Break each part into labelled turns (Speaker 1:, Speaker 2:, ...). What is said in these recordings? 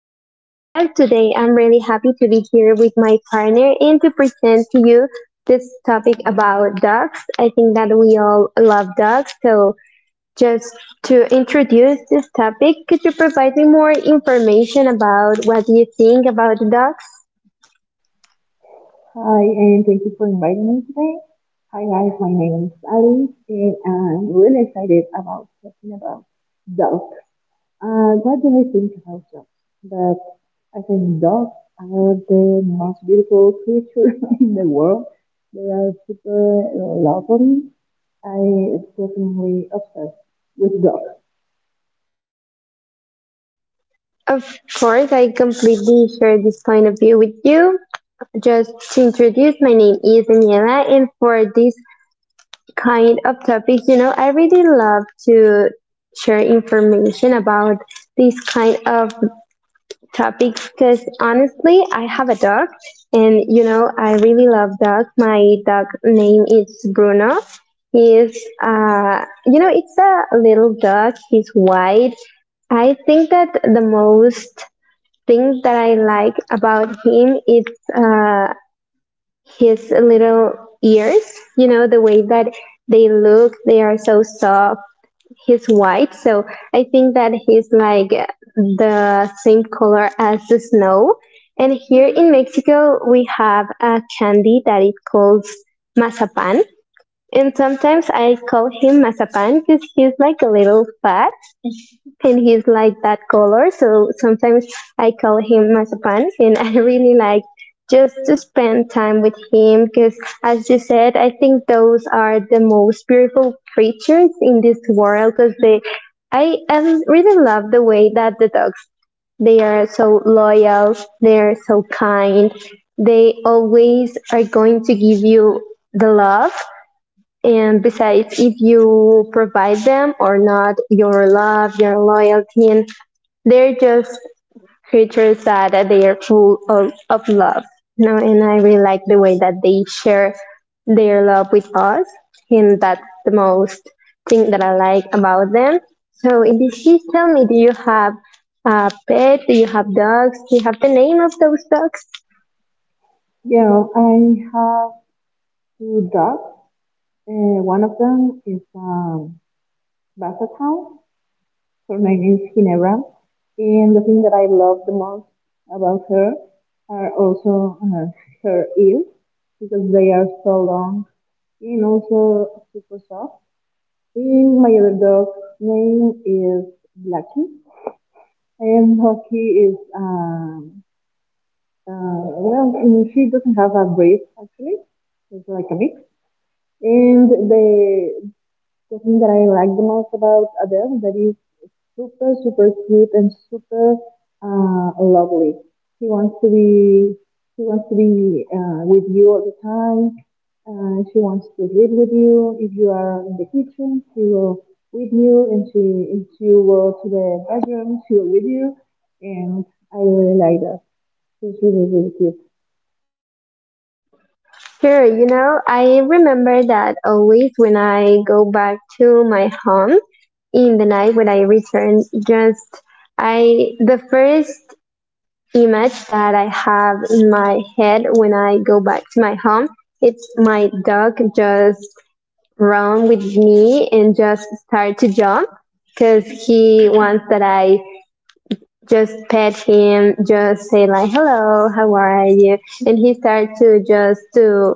Speaker 1: this podcast. Today, I'm really happy to be here with my partner and to present to you this topic about dogs. I think that we all love dogs. So, just to introduce this topic, could you provide me more information about what you think about dogs?
Speaker 2: Hi, and thank you for inviting me today. Hi guys, my name is Ali, and I'm really excited about talking about dogs. What do I think about dogs? That I think dogs are the most beautiful creature in the world. They are super lovely. I definitely obsessed with dogs.
Speaker 1: Of course, I completely share this point of view with you. Just to introduce, my name is Daniela, and for this kind of topics. You know, I really love to share information about these kind of topics because honestly, I have a dog and you know, I really love dogs. My dog name is Bruno. He is, you know, it's a little dog. He's white. I think that the most thing that I like about him is uh, his little ears, you know, the way that they look, they are so soft. He's white, so I think that he's like the same color as the snow. And here in Mexico we have a candy that it calls mazapan, and sometimes I call him mazapan because he's like a little fat and he's like that color. So sometimes I call him Mazapan, and I really like just to spend time with him because, as you said, I think those are the most beautiful creatures in this world because they. I really love the way that the dogs they are so loyal, they are so kind, they always are going to give you the love. And besides, if you provide them or not your love, your loyalty, and they're just creatures that they are full of love. No, and I really like the way that they share their love with us, and that's the most thing that I like about them. So, in this case, tell me, do you have a pet? Do you have dogs? Do you have the name of those dogs?
Speaker 2: Yeah, I have two dogs. One of them is Basset Hound, her name is Ginevra, and the thing that I love the most about her are also her ears because they are so long and also super soft. And my other dog's name is Blackie, and Blackie is she doesn't have a breed actually. It's like a mix. And the thing that I like the most about Adele that is super, super cute and super lovely. She wants to be she wants to be with you all the time. She wants to live with you. If you are in the kitchen, she will with you, and she if you go to the bedroom, she will with you. And I really like that. She's really, really cute.
Speaker 1: Sure, you know, I remember that always when I go back to my home in the night when I return, just I the first image that I have in my head when I go back to my home, it's my dog just run with me and just start to jump because he wants that I just pet him, just say like hello, how are you? And he starts to just to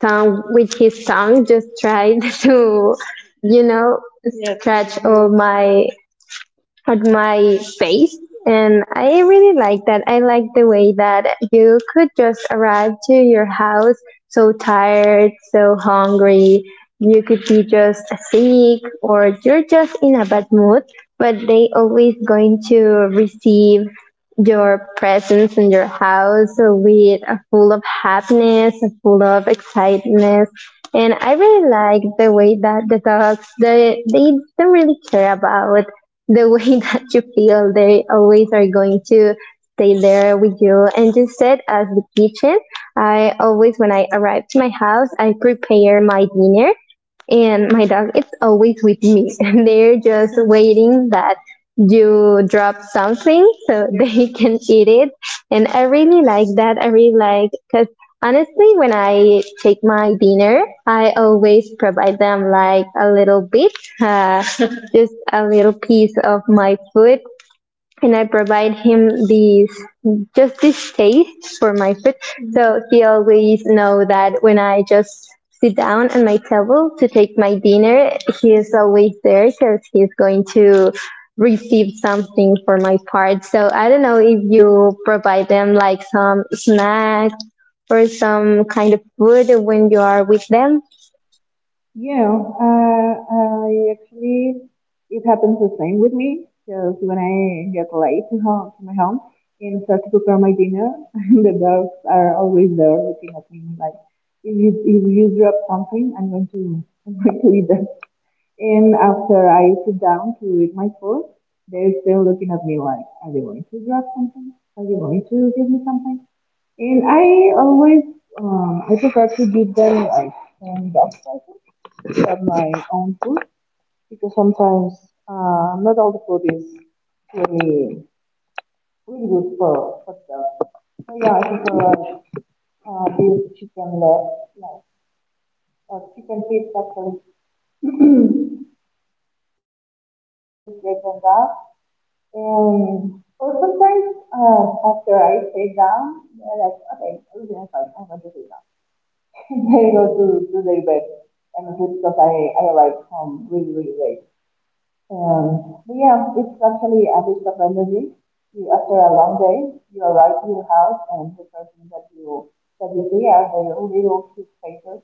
Speaker 1: tongue with his tongue, just tried to you know. Yes. Scratch all my at my face. And I really like that. I like the way that you could just arrive to your house so tired, so hungry. You could be just sick or you're just in a bad mood, but they always going to receive your presence in your house with a full of happiness, a full of excitement. And I really like the way that the dogs they don't really care about the way that you feel. They always are going to stay there with you. And you said as the kitchen, I always, when I arrive to my house, I prepare my dinner and my dog is always with me. They're just waiting that you drop something so they can eat it. And I really like that. I really like because honestly when I take my dinner, I always provide them like a little bit, uh, just a little piece of my food. And I provide him these, just this taste for my food. So he always know that when I just sit down at my table to take my dinner, he is always there because he's going to receive something for my part. So I don't know if you provide them like some snacks or some kind of food when you are with them.
Speaker 2: Yeah, I actually, it happens the same with me because when I get late to home, to my home and start to prepare my dinner, the dogs are always there looking at me like, if you drop something, I'm going to, I'm going to eat that. And after I sit down to eat my food, they're still looking at me like, are you going to grab something? Are you going to give me something? And I always, I prefer to give them like some dog presents than my own food because sometimes not all the food is really, really good for dogs. So yeah, I prefer this chicken leg, like, or chicken feet actually. And I use great on that. And well, sometimes after I sit down, they're like, okay, everything is fine, I'm going to sit down. And they go to their bed and sleep because I arrived home really, really late. And but yeah, it's actually a boost of energy. You, after a long day, you arrive to your house and the first thing that you see are their little cute faces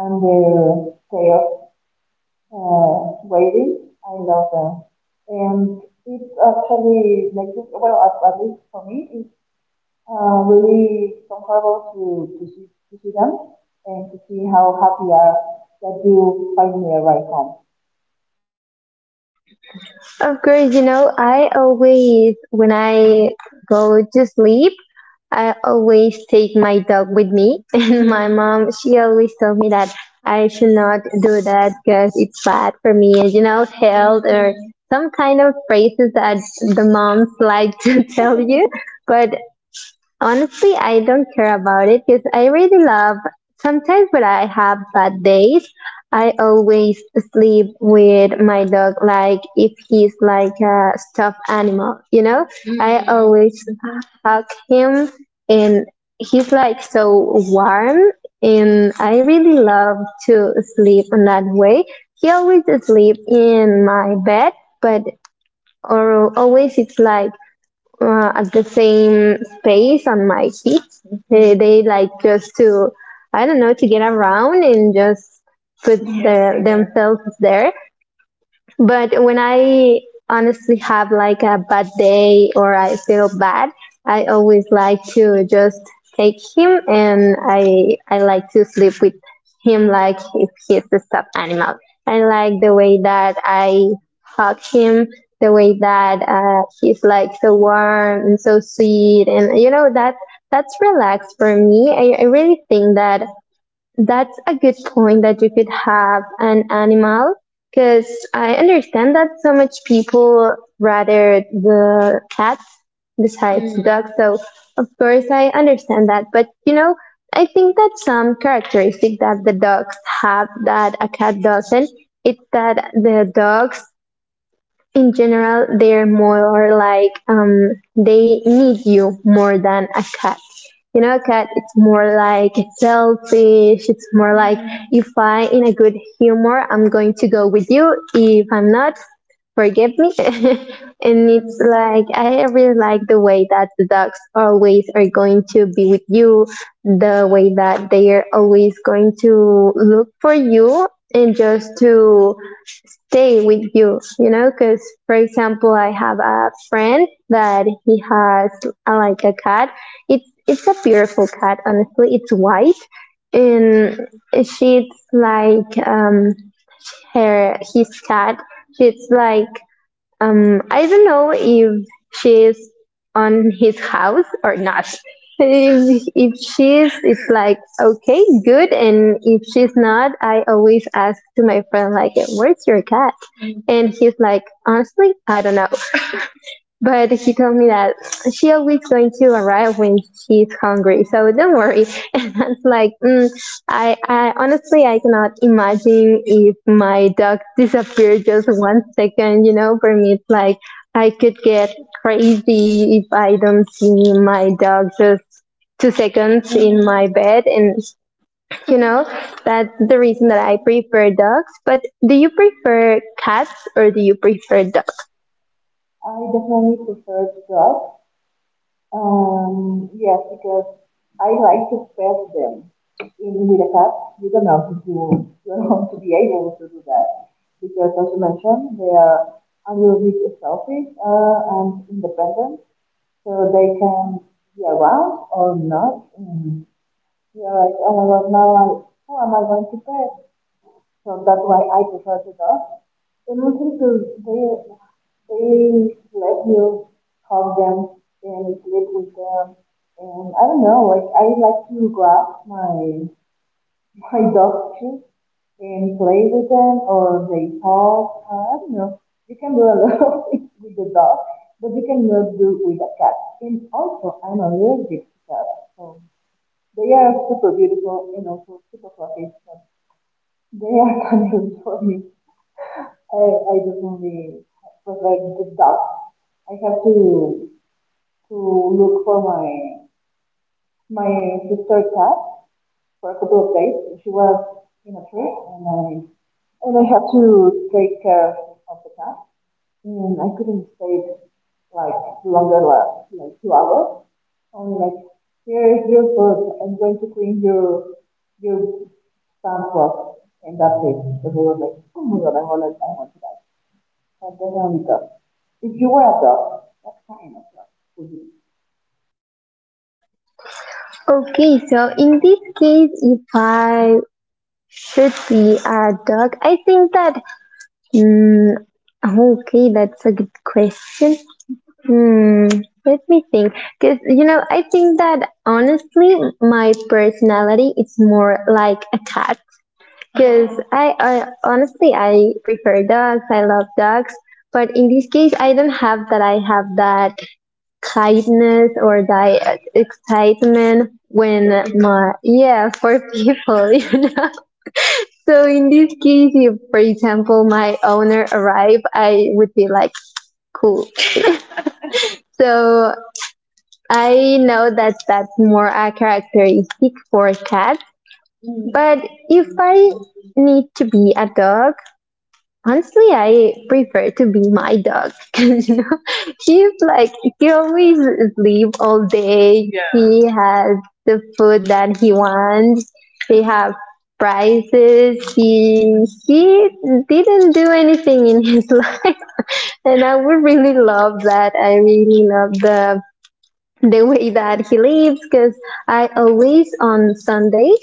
Speaker 2: and their tail waiting. I love them. And it's actually making, well, at least for me, it's really comfortable to see them and to see how happy are that you finally arrive home.
Speaker 1: Of course, you know, I always, when I go to sleep, I always take my dog with me. And my mom, she always told me that I should not do that because it's bad for me, and you know, health or some kind of phrases that the moms like to tell you. But honestly, I don't care about it because I really love. Sometimes when I have bad days, I always sleep with my dog like if he's like a stuffed animal, you know? I Mm. always hug him, and he's like so warm, and I really love to sleep in that way. He always sleep in my bed, but or always it's like at the same space on my feet. They like just to, I don't know, to get around and just put their, themselves there. But when I honestly have like a bad day or I feel bad, I always like to just take him, and I like to sleep with him like if he's a stuffed animal. I like the way that I hug him, the way that he's like so warm and so sweet, and you know that that's relaxed for me. I really think that that's a good point that you could have an animal because I understand that so much people rather the cats besides Mm. dogs. So of course I understand that, but you know, I think that some characteristic that the dogs have that a cat doesn't, it's that the dogs in general, they're more like they need you more than a cat. You know, a cat, it's more like selfish. It's more like if I in a good humor, I'm going to go with you. If I'm not, forgive me. And it's like I really like the way that the dogs always are going to be with you, the way that they are always going to look for you and just to stay with you, you know, because for example, I have a friend that he has like a cat. It's a beautiful cat, honestly. It's white, and she's like her his cat. She's like I don't know if she's on his house or not. If she's, it's like, okay, good. And if she's not, I always ask to my friend, like, where's your cat? And he's like, honestly, I don't know. But she told me that she always going to arrive when she's hungry, so don't worry. And I was like, mm, I honestly I cannot imagine if my dog disappeared just 1 second. You know, for me it's like I could get crazy if I don't see my dog just 2 seconds in my bed. And you know that's the reason that I prefer dogs. But do you prefer cats or do you prefer dogs?
Speaker 2: I definitely prefer to drive. Yes, because I like to pet them. In with a cat, you don't have to be able to do that because, as you mentioned, they are a little bit selfish and independent, so they can be around or not. And you're like, oh my god, who am I going to pet? So that's why I prefer the dog. And also because they let you help them and sleep with them. And I don't know, like I like to grab my my dog too and play with them or they talk. I don't know. You can do a lot of things with the dog, but you cannot do with a cat. And also, I'm allergic to cats, so they are super beautiful and also super fluffy. So they are kind of for me. I definitely prefer the dog. I have to look for my sister cat for a couple of days. She was in a trip, and I had to take care of the cat, and I couldn't stay like longer than like 2 hours. Only like here is your food. I'm going to clean your sandbox, and that's it. Because I was like, oh my god, I want to die. But then I only. If you were a dog, what kind of dog would you?
Speaker 1: Okay, so in this case, if I should be a dog, I think that. Mm, okay, that's a good question. Hmm, let me think. Because, you know, I think that honestly, my personality is more like a cat. Because I honestly, I prefer dogs, I love dogs. But in this case, I don't have that. I have that kindness or that excitement when my yeah for people you know. So in this case if for example my owner arrive, I would be like cool. So I know that that's more a characteristic for cats. But if I need to be a dog, honestly, I prefer to be my dog. 'Cause, you know, she's like he always sleep all day. Yeah. He has the food that he wants. He have prizes. He didn't do anything in his life, and I would really love that. I really love the way that he lives because I always on Sundays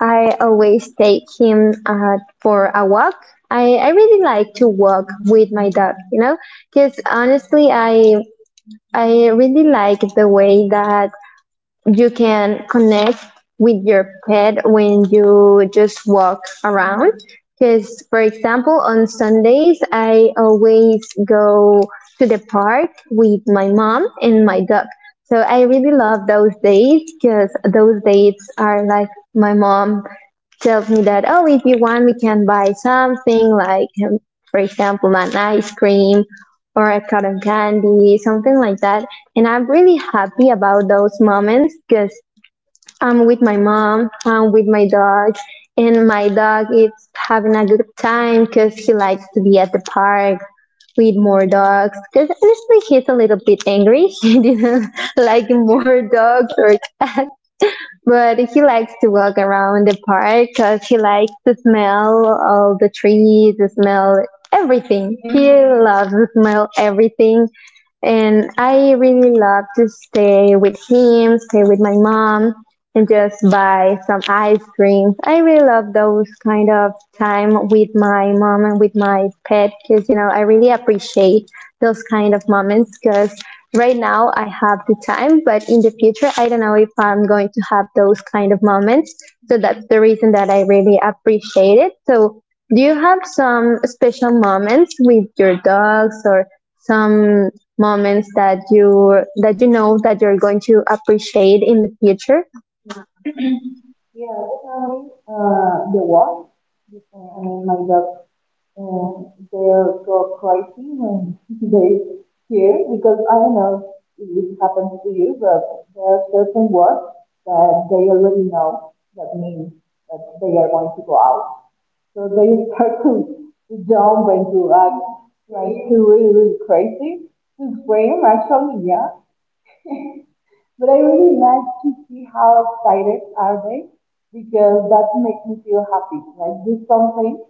Speaker 1: I always take him for a walk. I really like to walk with my dog, you know, because honestly I really like the way that you can connect with your pet when you just walk around. Because, for example, on Sundays, I always go to the park with my mom and my dog. So I really love those days because those days are like my mom tells me that, oh, if you want, we can buy something like, for example, an ice cream or a cotton candy, something like that. And I'm really happy about those moments because I'm with my mom, I'm with my dog, and my dog is having a good time because he likes to be at the park with more dogs because honestly he's a little bit angry. He didn't like more dogs or but he likes to walk around the park because he likes to smell all the trees, the smell everything. Mm-hmm. He loves to smell everything. And I really love to stay with him, stay with my mom, and just buy some ice cream. I really love those kind of time with my mom and with my pet because I really appreciate those kind of moments because right now I have the time, but in the future I don't know if I'm going to have those kind of moments. So that's the reason that I really appreciate it. So do you have some special moments with your dogs or some moments that you know that you're going to appreciate in the future?
Speaker 2: Yeah, definitely. The walk. I mean, my dog, uh, they go crazy when they hear because I don't know if it happens to you, but there are certain words that they already know that means that they are going to go out. So they start to jump and to act like to really, really crazy, to scream actually, yeah. But I really like to see how excited are they because that makes me feel happy. Like do something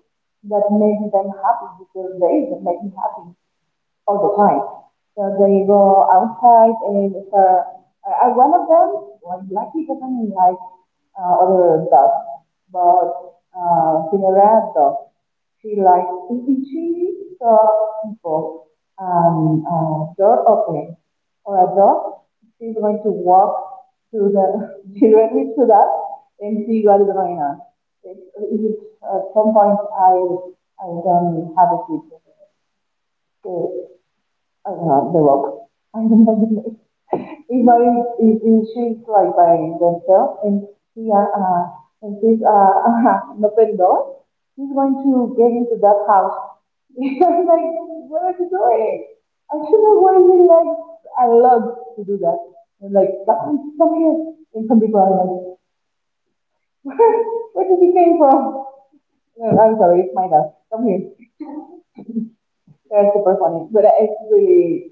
Speaker 2: that makes them happy because they that make me happy all the time. So they go outside and if, I one of them, like Blackie doesn't like other dogs, but Cinderella dog, she likes she saw people door opening or a dog, she's going to walk to the directly to that and see what is going on. It, it, at some point, I don't have a kid. So the rope. I don't know the name. If I, If she's like by themselves and she, uh, uh, she's, an open door, she's going to get into that house. I'm like, what are you doing? I should have worried like a lot to do that. And like, come here. And some people are like, where, where did you came from? No, I'm sorry, it's my dad. Come here. They're super funny, but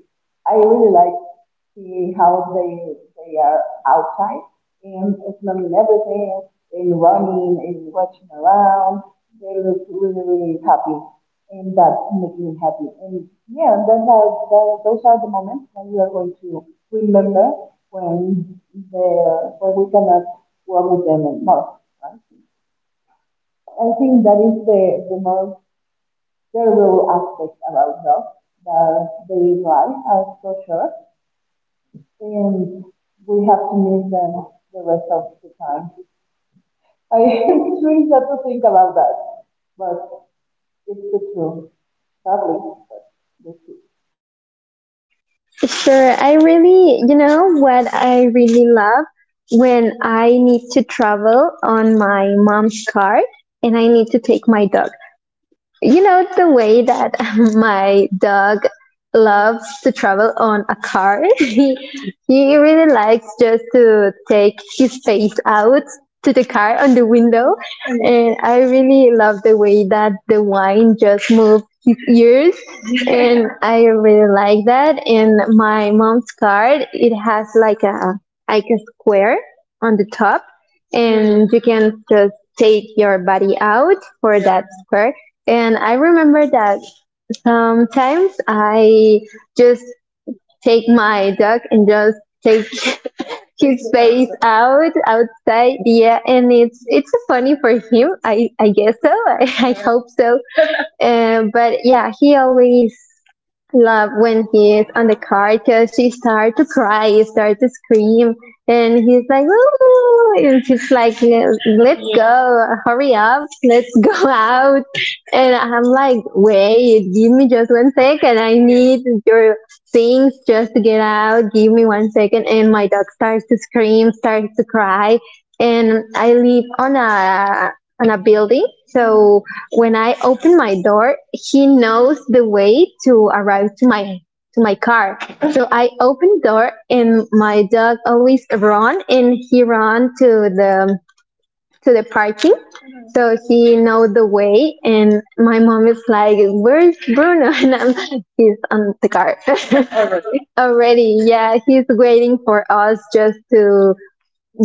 Speaker 2: I really like see how they are outside and smelling everything and running and watching around. They look really, really happy, and that makes me happy. And yeah, those are the moments that we are going to remember when the when we cannot work with them anymore. Right? I think that is the more there will aspects about jobs that they lie as for sure, and we have to miss them the rest of the time. I it's really sad to think about that, but it's the truth, sadly. But the truth.
Speaker 1: Sure. I really, you know, what I really love when I need to travel on my mom's car and I need to take my dog, you know the way that my dog loves to travel on a car. He really likes just to take his face out to the car on the window, and I really love the way that the wine just moves his ears. And I really like that. And my mom's car, it has like a square on the top, and you can just take your body out for that square. And I remember that sometimes I just take my dog and just take his face outside. Yeah, and it's funny for him. I guess so. I hope so. But yeah, he always love when he is on the car because she started to cry, he started to scream, and he's like, "Woo!" And she's like, "Let's go, hurry up, let's go out." And I'm like, "Wait, give me just 1 second. I need your things just to get out. Give me 1 second." And my dog starts to scream, starts to cry. And I live on a, building. So when I open my door, he knows the way to arrive to my car. So I open door and my dog always run and he run to the parking. So he know the way and my mom is like, "Where's Bruno?" And I'm he's on the car. Already, yeah, he's waiting for us just to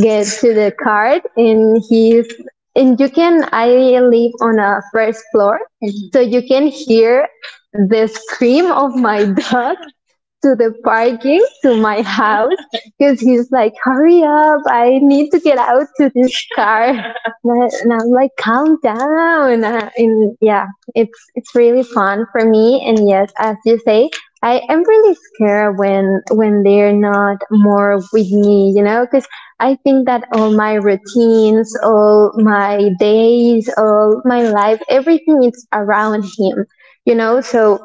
Speaker 1: get to the card. And he's and you can I live on a first floor, so you can hear the scream of my dog to the parking to my house because he's like, "Hurry up, I need to get out to this car." And I am like, "Calm down." And yeah, it's really fun for me. And yes, as you say, I am really scared when they're not more with me, you know, because I think that all my routines, all my days, all my life, everything is around him, you know, so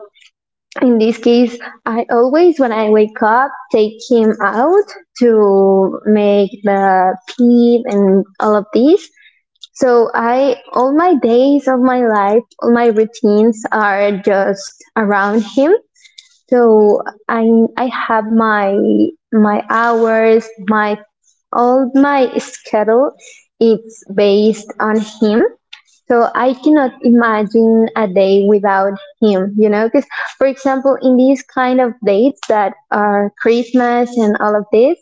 Speaker 1: in this case, I always, when I wake up, take him out to make the pee and all of this. So all my days of my life, all my routines are just around him. So I I have my hours, my all my schedule, it's based on him. So I cannot imagine a day without him, you know, because for example, in these kind of dates that are Christmas and all of this,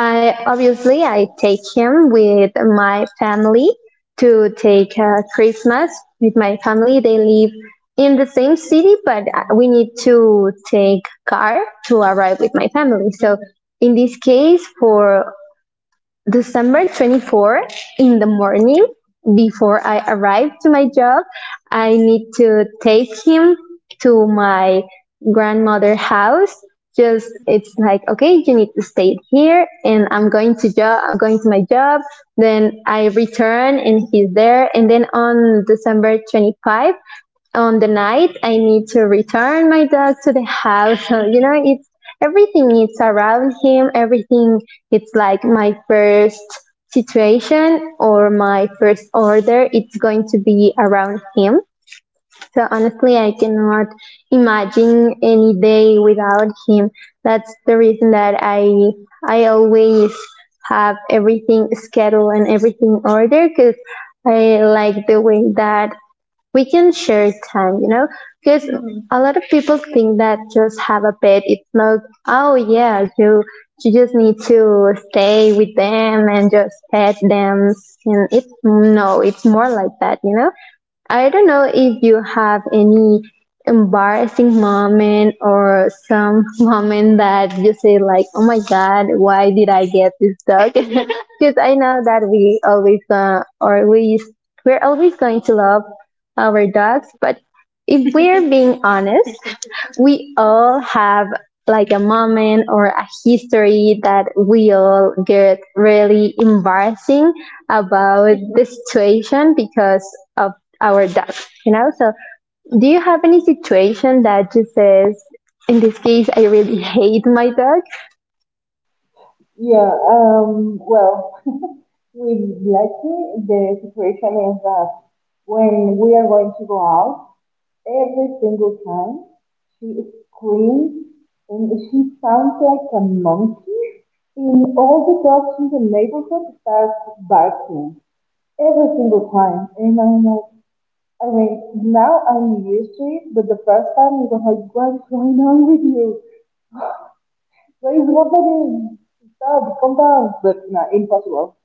Speaker 1: I obviously I take him with my family to take Christmas with my family. They live in the same city, but we need to take car to arrive with my family. So in this case, for December 24 in the morning, before I arrive to my job, I need to take him to my grandmother house. Just it's like, "Okay, you need to stay here, and I'm going to job, going to my job." Then I return, and he's there. And then on December 25, on the night I need to return my dog to the house. So, it's everything is around him. Everything it's like my first situation or my first order, it's going to be around him. So honestly I cannot imagine any day without him. That's the reason that I always have everything scheduled and everything ordered because I like the way that we can share time, you know, because a lot of people think that just have a pet, it's not, oh yeah, you just need to stay with them and just pet them. And it's, no, it's more like that, you know. I don't know if you have any embarrassing moment or some moment that you say like, "Oh my god, why did I get this dog?" Because I know that we always, or we're always going to love our dogs. But if we're being honest, we all have like a moment or a history that we all get really embarrassing about the situation because of our dogs, you know? So do you have any situation that just says in this case I really hate my dog?
Speaker 2: Yeah. Well, with Blackie, the situation is that when we are going to go out, every single time, she screamed, and she sounds like a monkey. And all the dogs in the neighborhood start barking every single time. And I'm like, I mean, now I'm used to it, but the first time it was like, what's going on with you? What is happening? Stop, calm down. But no, impossible.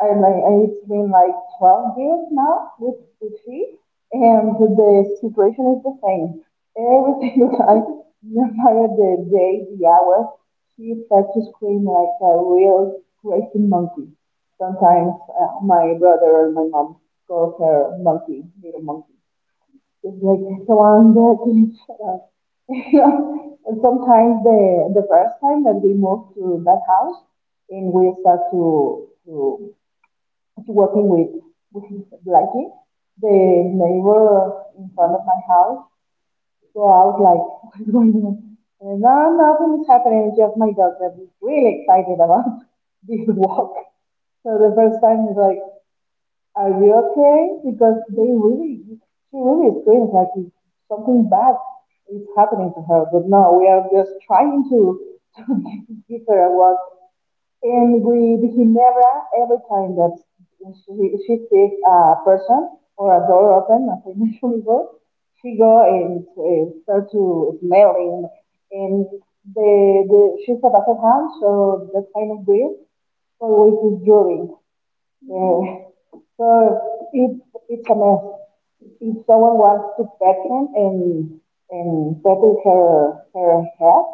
Speaker 2: I like it's been like 12 years now with sushi, and the situation is the same. Every single time, no matter the day, the hour, she starts to scream like a real crazy monkey. Sometimes my brother or my mom calls her monkey, little monkey. It's like Yolanda, can you shut up? And sometimes the first time that we moved to that house and we start to working with Blackie, the neighbor in front of my house. So I was like, what is going on? And no, nothing is happening. Just my dog that is really excited about this walk. So the first time he's like, are you okay? Because she really screams like it's something bad is happening to her. But no, we are just trying to, to give her a walk. And with Ginebra, every time that she, she sees a person or a door open, as I mentioned before, she go and start to smelling. And the she's a basset hound, so that kind of breed always is drooling. Uh, So it's it's a mess. If someone wants to pet him and settle her head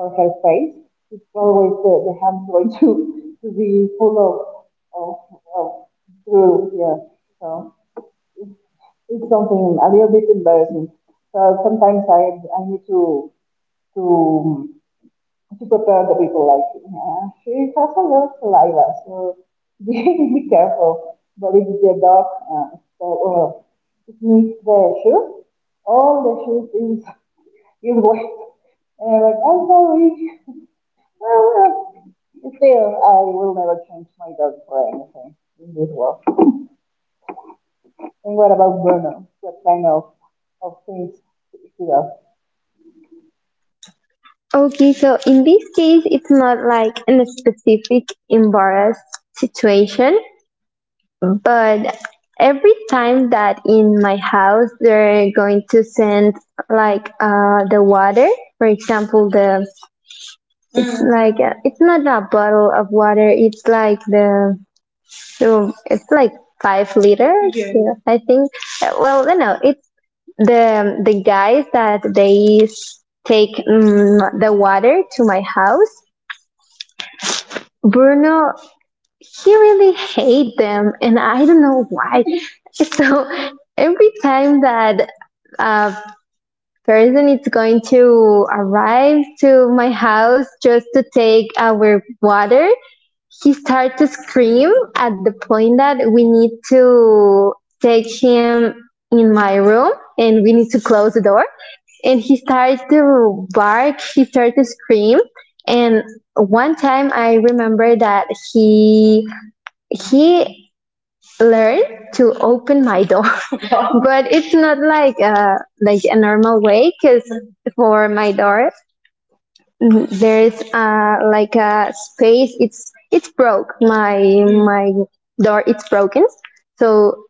Speaker 2: or her face, it's always the hand's going to be full of of, of drool. Yeah. So it's something a little bit embarrassing. So sometimes I need to to prepare the people like she has a lot of saliva, so be, be careful. But if the dog sniff the shoes, all the shoes is wet. And like, I'm sorry. Well, well, still, I will never change my dog for anything in this world. And what about Bruno? What kind of things he does?
Speaker 1: Okay, so in this case it's not like in a specific embarrassed situation, but every time that in my house they're going to send like the water, for example the like it's not a bottle of water, it's like the, so it's like 5 liters. Yeah. Yeah, I think. Well you know it's the guys that they take the water to my house. Bruno, he really hate them and I don't know why. So every time that a person is going to arrive to my house just to take our water, he starts to scream at the point that we need to take him in my room, and we need to close the door, and he starts to bark, he starts to scream. And one time I remember that he he learn to open my door. But it's not like like a normal way because for my door, there is like a space, it's broke my door, it's broken. So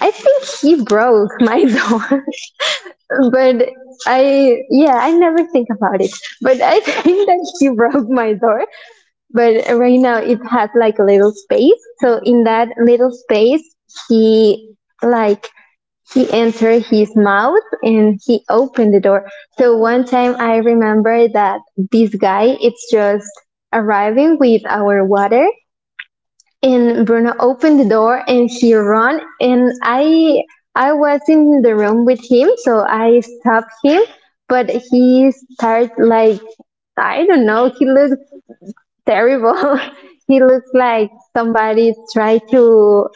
Speaker 1: I think he broke my door. But I yeah I never think about it, but I think that he broke my door. But right now it has like a little space. So in that little space, he like he entered his mouth and he opened the door. So one time I remember that this guy it's just arriving with our water, and Bruno opened the door and he ran and I was in the room with him, so I stopped him, but he started like, I don't know, he looked terrible. He looks like somebody tried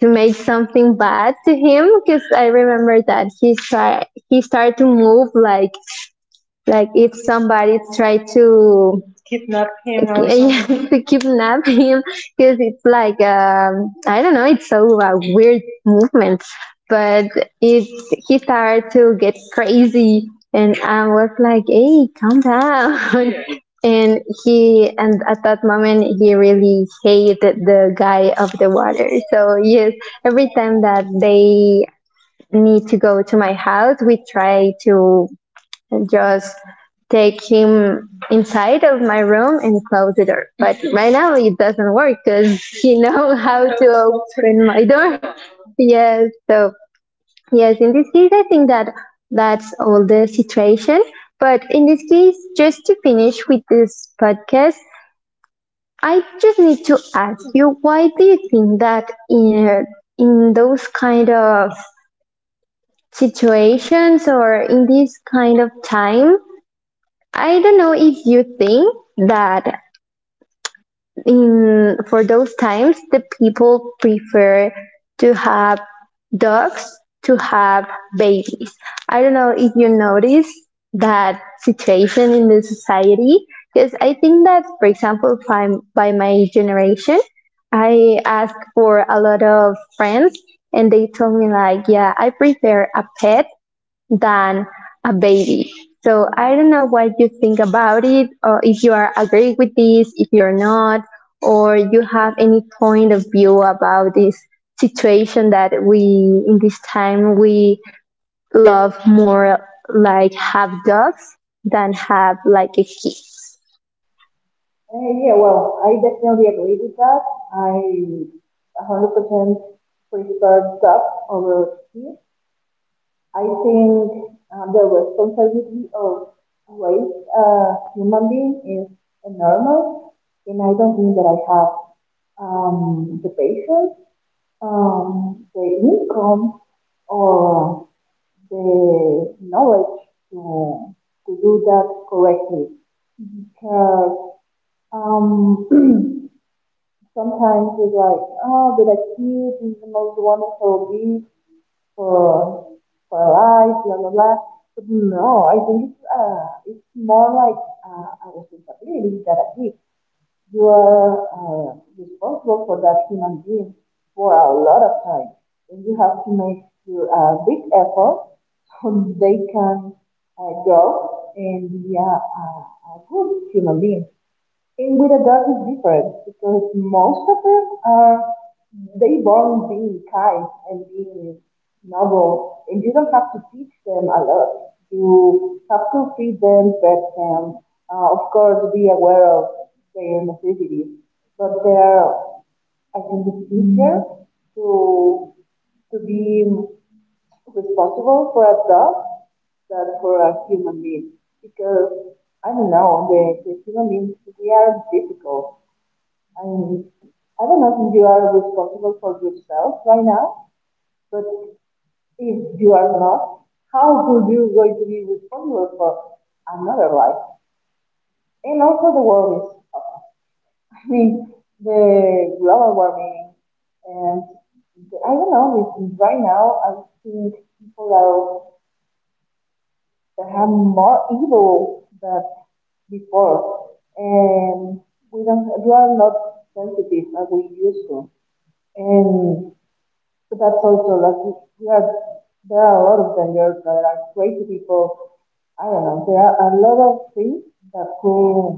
Speaker 1: to make something bad to him because I remember that he started to move like if somebody tried to kidnap him or yeah, to kidnap him because it's like I don't know, it's so weird movement. But it he started to get crazy, and I was like, "Hey, calm down." And he and at that moment he really hated the guy of the water. So yes, every time that they need to go to my house, we try to and just take him inside of my room and close the door. But right now it doesn't work because he knows how to open my door. Yes, so yes, in this case I think that that's all the situation. But in this case, just to finish with this podcast, I just need to ask you, why do you think that in those kind of situations or in this kind of time, I don't know if you think that in for those times the people prefer to have dogs to have babies? I don't know if you notice that situation in the society because I think that for example by my generation, I asked for a lot of friends and they told me like, "Yeah, I prefer a pet than a baby." So I don't know what you think about it, or if you are agree with this, if you're not, or you have any point of view about this situation, that we in this time we love more like have dogs than have like a kids.
Speaker 2: Yeah, well, I definitely agree with that. I 100% prefer dog over tea. I think the responsibility of raise a human being is enormous, and I don't think that I have the patience, the income, or the knowledge to, to do that correctly. Because um, sometimes it's like, oh, but like you, this is the most wonderful gift for for life, blah blah blah. But no, I think it's more like a responsibility that a gift. You are responsible for that human being for a lot of time, and you have to make a big effort so they can grow and be a good human being. And with adults it's different because most of them are they born being kind and being noble and you don't have to teach them a lot. You have to feed them, pet them, of course be aware of their necessities. But they're I think it's easier to to be responsible for a dog than for a human being because I don't know the human beings we are difficult. I mean, I don't know if you are responsible for yourself right now, but if you are not, how could you going to be responsible for another life? And also the world is, I mean, the global warming and the I don't know. If right now, I think people are that have more evil than before, and we are not sensitive as we used to, and so that's also like we are there are a lot of dangers that are crazy people. I don't know. There are a lot of things that could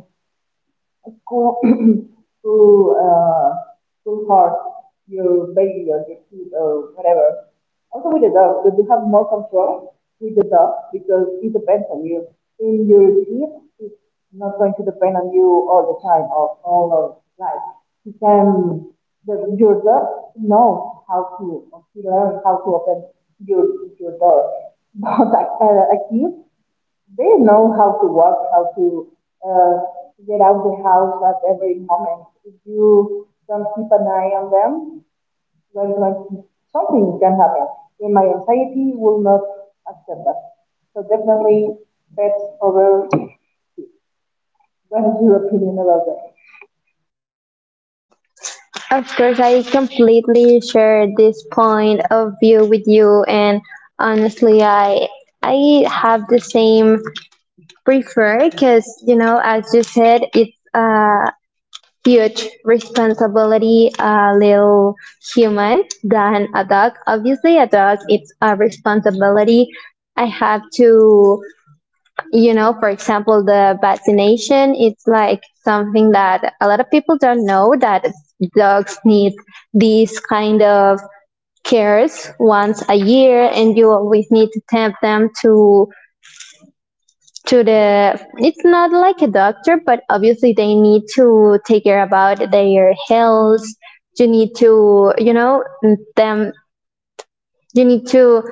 Speaker 2: Go uh go hard your baby or your kid or whatever. Also with the dog, but you have more control with the dog because it depends on you. In your kid, it's not going to depend on you all the time or all of life. He can your dog knows how to or he learns how to open your your door. But a kid they know how to work, how to uh, get out the house at every moment. If you don't keep an eye on them, well, like, something can happen. In my anxiety, will not accept that. So definitely, pets over. What is your opinion about that?
Speaker 1: Of course, I completely share this point of view with you, and honestly, I have the same prefer because you know as you said it's a huge responsibility, a little human than a dog. Obviously a dog it's a responsibility. I have to, for example the vaccination, it's like something that a lot of people don't know, that dogs need these kind of cares once a year, and you always need to tempt them to the, it's not like a doctor, but obviously they need to take care about their health. You need to, you know them, you need to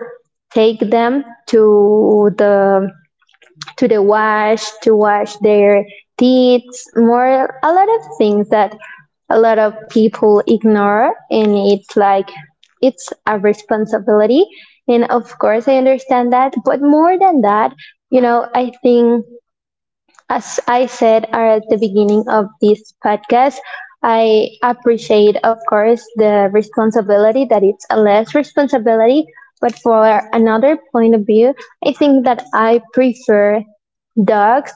Speaker 1: take them to the to the wash to wash their teeth, more a lot of things that a lot of people ignore, and it's like it's a responsibility. And of course I understand that, but more than that, I think as I said at the beginning of this podcast, I appreciate, of course, the responsibility that it's a less responsibility. But for another point of view, I think that I prefer dogs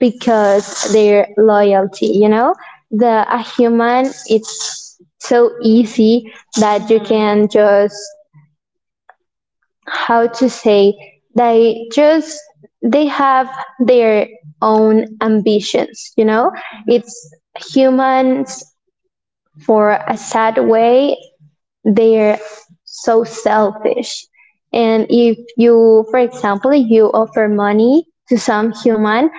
Speaker 1: because their loyalty, you know, the a human, it's so easy that you can just how to say, they just they have their own ambitions, you know, it's humans for a sad way, they're so selfish. And if you for example you offer money to some human,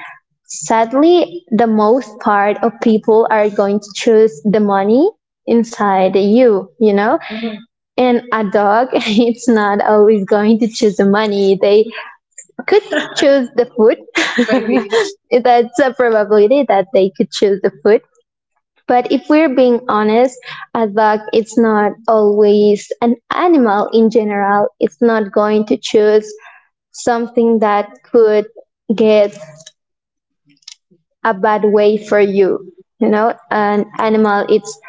Speaker 1: sadly, the most part of people are going to choose the money inside you, you know? Mm-hmm. And a dog, it's not always going to choose the money. They could choose the food. That's a probability that they could choose the food. But if we're being honest, a dog, it's not always an animal in general, it's not going to choose something that could get a bad way for you. You know, an animal, it's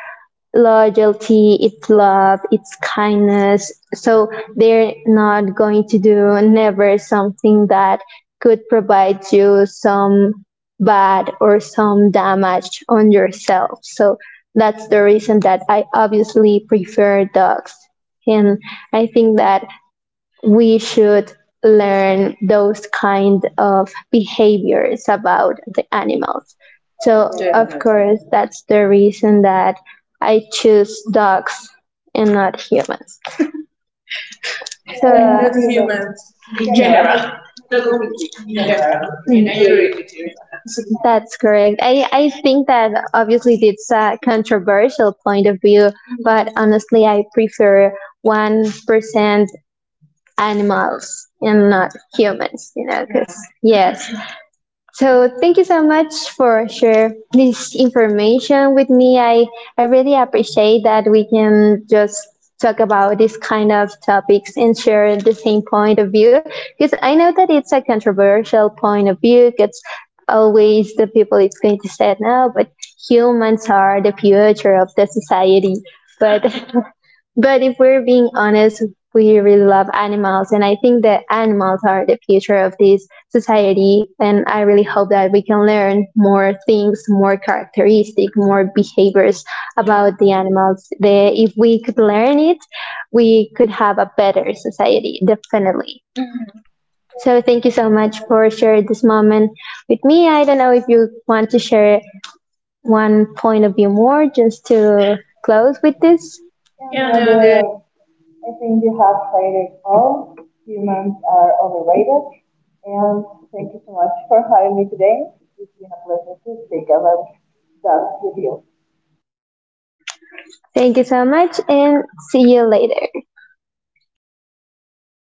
Speaker 1: loyalty, it's love, it's kindness. So they're not going to do never something that could provide you some bad or some damage on yourself. So that's the reason that I obviously prefer dogs. And I think that we should learn those kind of behaviors about the animals. So of,
Speaker 2: Yes,
Speaker 1: definitely,
Speaker 2: ma'am.
Speaker 1: course, that's the reason that I choose dogs and not humans. So
Speaker 2: I'm not
Speaker 1: and not
Speaker 2: sure,
Speaker 1: humans
Speaker 2: in
Speaker 1: in
Speaker 2: general,
Speaker 1: general.
Speaker 2: not
Speaker 1: Not
Speaker 2: only
Speaker 1: only
Speaker 2: kids,
Speaker 1: kids,
Speaker 2: in
Speaker 1: in general.
Speaker 2: general. I
Speaker 1: And I
Speaker 2: agree with
Speaker 1: agree
Speaker 2: you.
Speaker 1: with you in that. That's correct. I think that obviously it's a controversial point of view, but honestly, I prefer 1% animals and not humans, you know, because, yeah. Yes. So thank you so much for share this information with me. I really appreciate that we can just talk about these kind of topics and share the same point of view because I know that it's a controversial point of view because always the people it's going to say no, but humans are the future of the society. But but if we're being honest, we really love animals, and I think that animals are the future of this society. And I really hope that we can learn more things, more characteristic, more behaviors about the animals. The, if we could learn it, we could have a better society, definitely. Mhm. So thank you so much for sharing this moment with me. I don't know if you want to share one point of view more just to close with this.
Speaker 2: Yeah,
Speaker 1: Yeah,
Speaker 2: no,
Speaker 1: no, the.
Speaker 2: the I think you have said it all humans are overrated. And thank you so much for having me today. It's been a pleasure to speak about that with you.
Speaker 1: Thank you so much, and see you later.